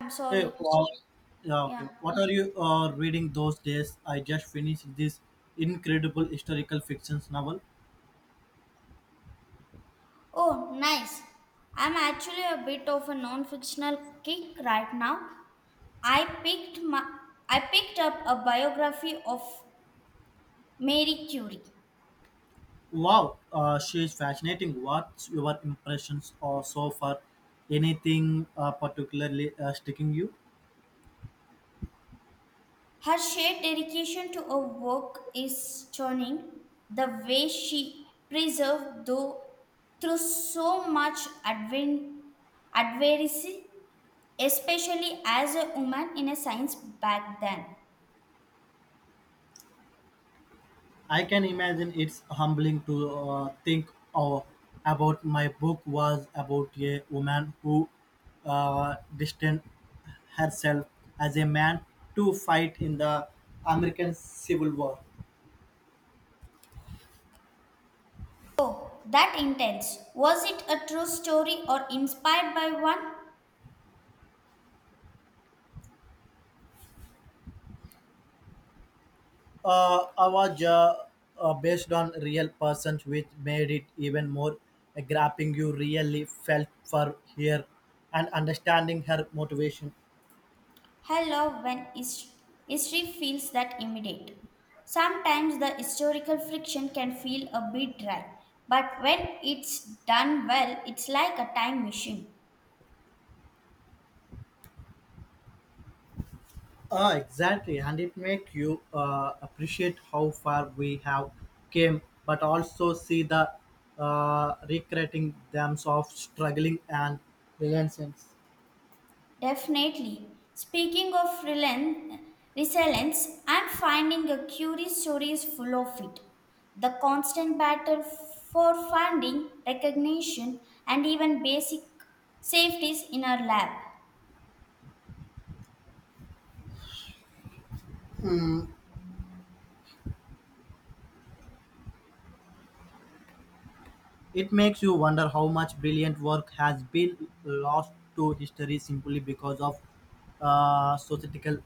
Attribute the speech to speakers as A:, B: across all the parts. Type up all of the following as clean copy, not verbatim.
A: I'm
B: Hey,
A: sorry.
B: wow. Yeah,
A: Yeah.
B: okay. What are you reading those days? I just finished this incredible historical fiction novel.
A: Oh, nice. I'm actually a bit of a non-fictional kick right now. I picked my I picked up a biography of Marie Curie.
B: Wow, she is fascinating. What's your impressions or so far? Anything particularly sticking you?
A: Her sheer dedication to her work is stunning. The way she preserved though through so much advent, adversity, especially as a woman in a science back then.
B: I can imagine it's humbling to think uh, about my book was about a woman who distanced herself as a man to fight in the American Civil War.
A: Oh, that intense. Was it a true story or inspired by one?
B: I was Based on real persons, which made it even more grappling. You really felt for her and understanding her motivation.
A: I love when his- History feels that immediate. Sometimes the historical friction can feel a bit dry, but when it's done well, it's like a time machine.
B: Ah, exactly, and it make you appreciate how far we have came, but also see the recreating themselves struggling and relentless.
A: Definitely. Resilience, I'm finding a curious story is full of it. The constant battle for funding, recognition, and even basic safeties in our lab.
B: It makes you wonder how much brilliant work has been lost to history simply because of societal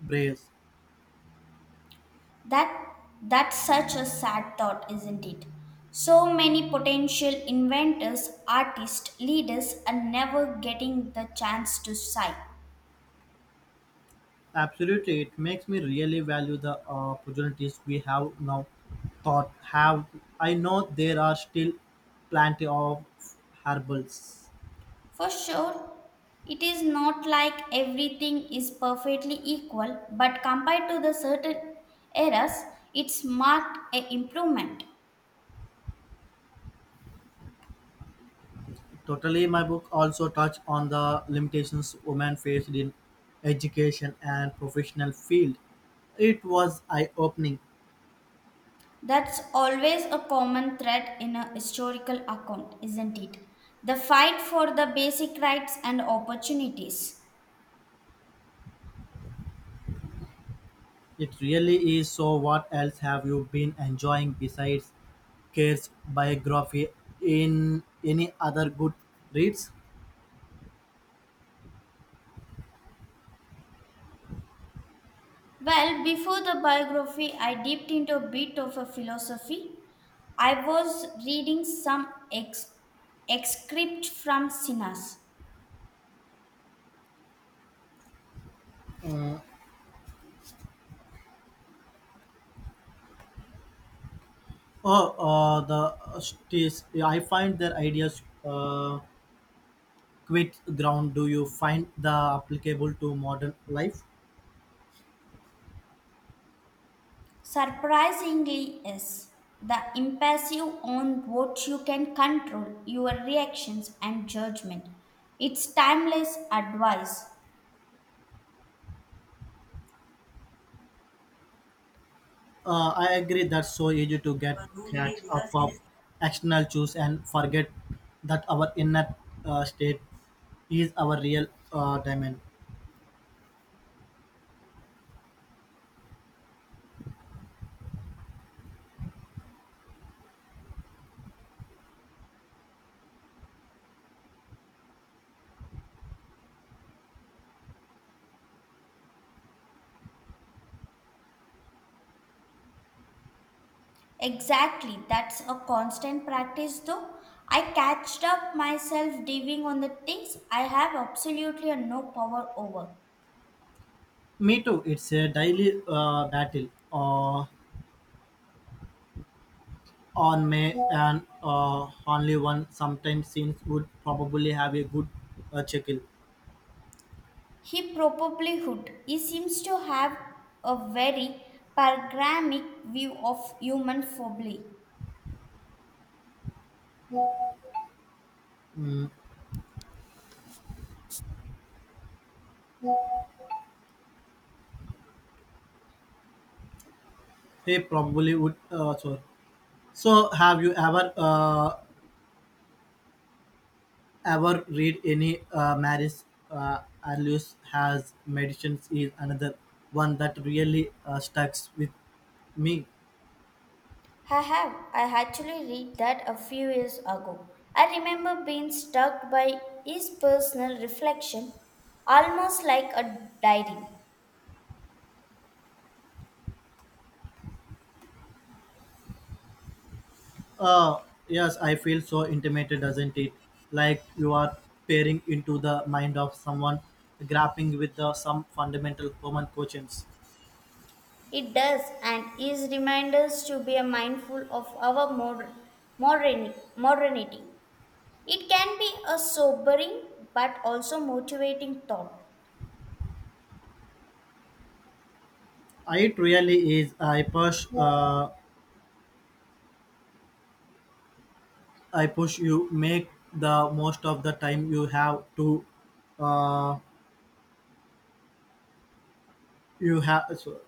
B: bias.
A: That that's such a sad thought, isn't it? So many potential inventors, artists, leaders are never getting the chance to shine.
B: Absolutely, it makes me really value the opportunities we have now. Thought have I know there are still plenty of hurdles.
A: For sure, it is not like everything is perfectly equal, but compared to the certain eras, it's marked an improvement.
B: Totally, my book also touched on the limitations women faced in education and professional field. It was eye opening.
A: That's always a common thread in a historical account, isn't it? The fight for the basic rights and opportunities.
B: It really is. So what else have you been enjoying besides Kerr's biography in any other good reads?
A: Well, before the biography, I dipped into a bit of a philosophy. I was reading some ex- excerpt from Sinas.
B: Oh, I find their ideas quite ground. Do you find the applicable to modern life?
A: Surprisingly, is the impassive on what you can control, your reactions and judgment. It's timeless advice.
B: I agree that's so easy to get catch up of external cues and forget that our inner state is our real diamond.
A: Exactly, that's a constant practice though. I catched up myself diving on the things I have absolutely no power over.
B: Me too. It's a daily battle. On May and only one sometimes seems would probably have a good chuckle.
A: He probably would. He seems to have a very panoramic view of human folly.
B: Mm, he probably would. So, have you ever read any Maris Alius has medicines is another one that really stucks with me.
A: I have. I actually read that a few years ago. I remember being struck by his personal reflection, almost like a diary.
B: Uh, yes, I feel so intimated, doesn't it? Like you are peering into the mind of someone grappling with the, some fundamental human questions.
A: It does, and his reminders to be mindful of our modernity. It can be a sobering but also motivating thought.
B: It really is. I push. I push you. Make the most of the time you have to. Uh, you have. So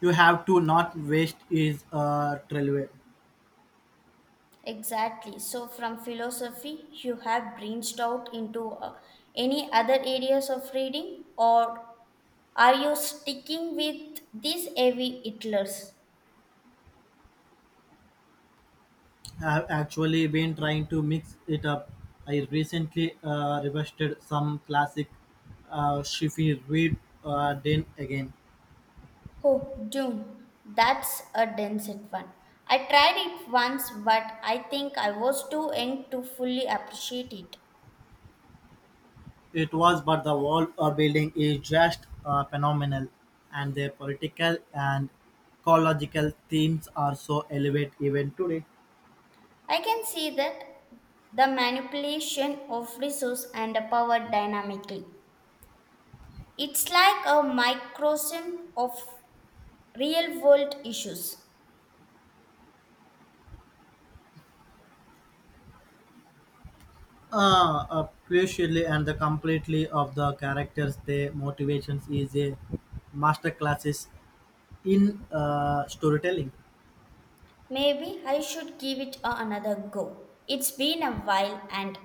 B: you have to not waste is relevant.
A: Exactly. So, from philosophy, you have branched out into any other areas of reading, or are you sticking with these heavy hitlers?
B: Have actually been trying to mix it up. I recently revisited some classic Shifi Reed Den again.
A: Oh, June, that's a dense one. I tried it once, but I think I was too young to fully appreciate it.
B: It was, but the wall or building is just phenomenal, and their political and ecological themes are so elevate even today.
A: I can see that the manipulation of resource and power dynamically. It's like a microcosm of real world issues.
B: Crucially and the completely of the characters, their motivations is a master classes in storytelling.
A: Maybe I should give it another go. It's been a while, and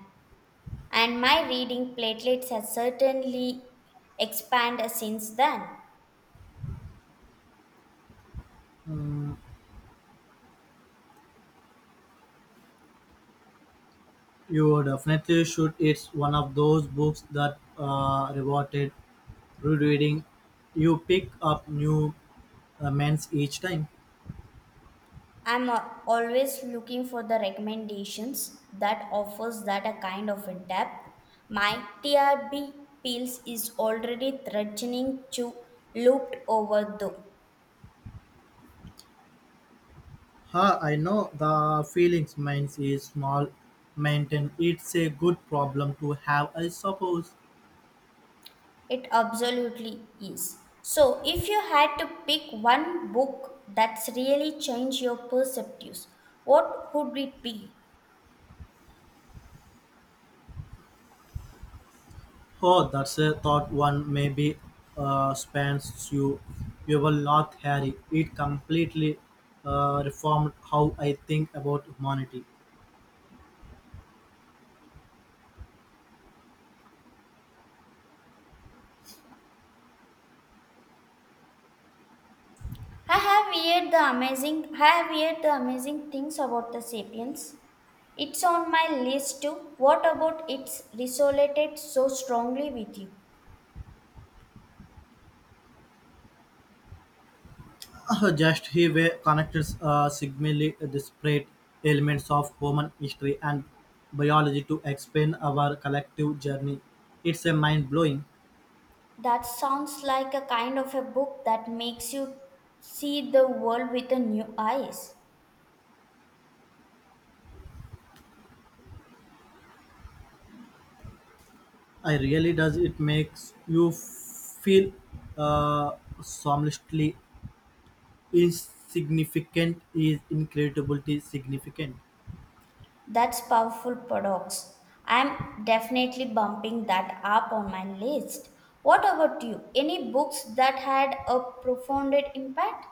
A: and my reading platelets has certainly expanded since then.
B: Mm, you definitely should. It's one of those books that rewarded rereading. You pick up new minds each time.
A: I'm always looking for the recommendations that offers that a kind of a depth. My TRB pills is already threatening to looped over though.
B: Ha, I know the feelings. Minds is small, maintain. It's a good problem to have, I suppose.
A: It absolutely is. So if you had to pick one book that's really changed your perspectives, what would it be?
B: Oh, that's a thought one maybe spans you. You will not Harry. It completely reformed how I think about humanity.
A: I have heard the amazing things about the sapiens. It's on my list too. What about it's resonated so strongly with you?
B: Just he way connects significantly disparate elements of human history and biology to explain our collective journey. It's a mind blowing.
A: That sounds like a kind of a book that makes you see the world with a new eyes.
B: I really does it makes you feel uh, somnolently insignificant is incredibly significant.
A: That's powerful paradox. I'm definitely bumping that up on my list. What about you? Any books that had a profound impact?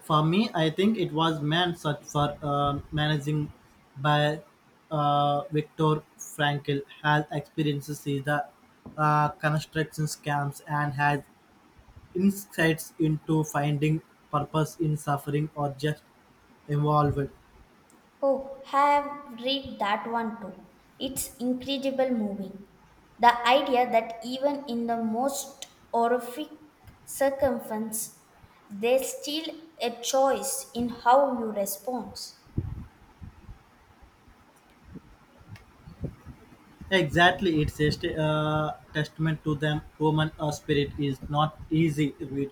B: For me, I think it was man Search for Managing by Viktor Frankl has experiences in the construction camps and has insights into finding purpose in suffering or just involved.
A: Oh, have read that one too. It's incredible moving. The idea that even in the most horrific circumstance, there's still a choice in how you respond.
B: Exactly, it's a testament to them. Human spirit is not easy to read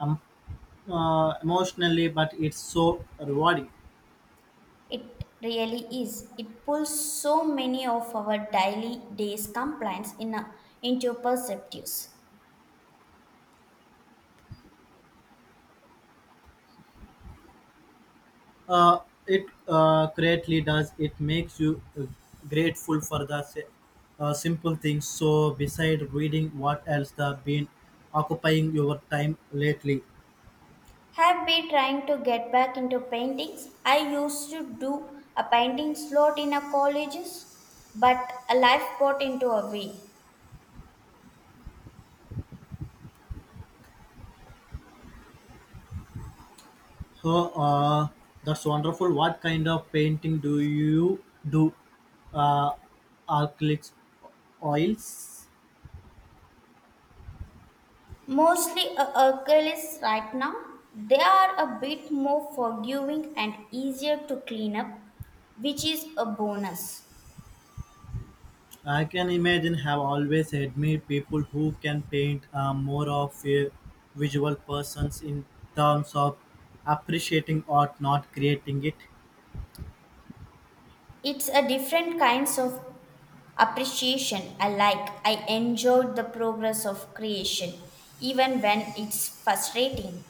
B: um, emotionally, but it's so rewarding.
A: It really is. It pulls so many of our daily day's complaints into perspectives.
B: Uh, it greatly does. It makes you grateful for the simple things. So, beside reading, what else have been occupying your time lately?
A: Have been trying to get back into paintings. I used to do a painting slot in a colleges, but a life got into a way.
B: So, uh, that's wonderful. What kind of painting do you do? Uh, Acrylics, oils.
A: Mostly a acrylics right now. They are a bit more forgiving and easier to clean up, which is a bonus.
B: I can imagine have always admired people who can paint. I more of a visual persons in terms of appreciating art, not creating it.
A: It's a different kinds of appreciation I like. I enjoyed the progress of creation, even when it's frustrating.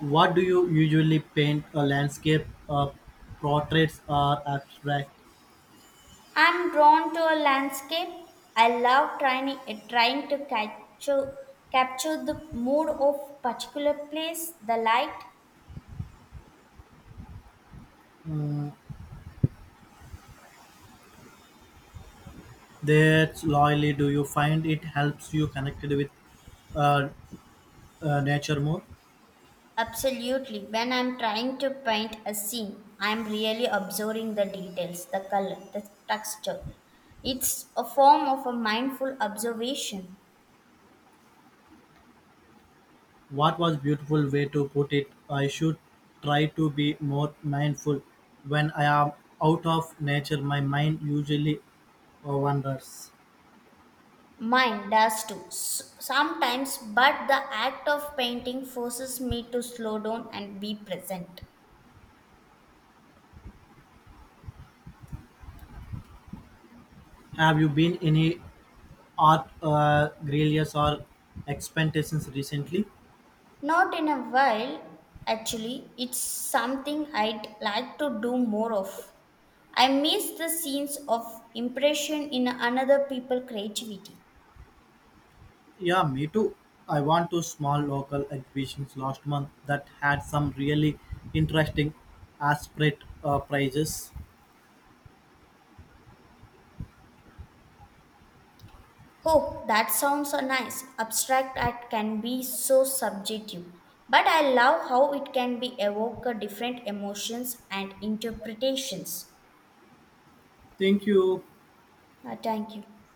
B: What do you usually paint? A landscape, uh, portraits, or abstract?
A: I'm drawn to a landscape. I love trying to capture the mood of particular place, the light.
B: Mm, that's loyally. Do you find it helps you connected with uh, nature more?
A: Absolutely. When I'm trying to paint a scene, I'm really observing the details, the color, the texture. It's a form of a mindful observation.
B: What was beautiful way to put it. I should try to be more mindful. When I am out of nature, my mind usually wanders.
A: Mine does too, sometimes, but the act of painting forces me to slow down and be present.
B: Have you been any art grillers or expectations recently?
A: Not in a while, actually. It's something I'd like to do more of. I miss the scenes of impression in another people creativity.
B: Yeah, me too. I went to small local exhibitions last month that had some really interesting aspirate prizes.
A: Oh, that sounds so nice. Abstract art can be so subjective, but I love how it can be evoke different emotions and interpretations.
B: Thank you.
A: Thank you.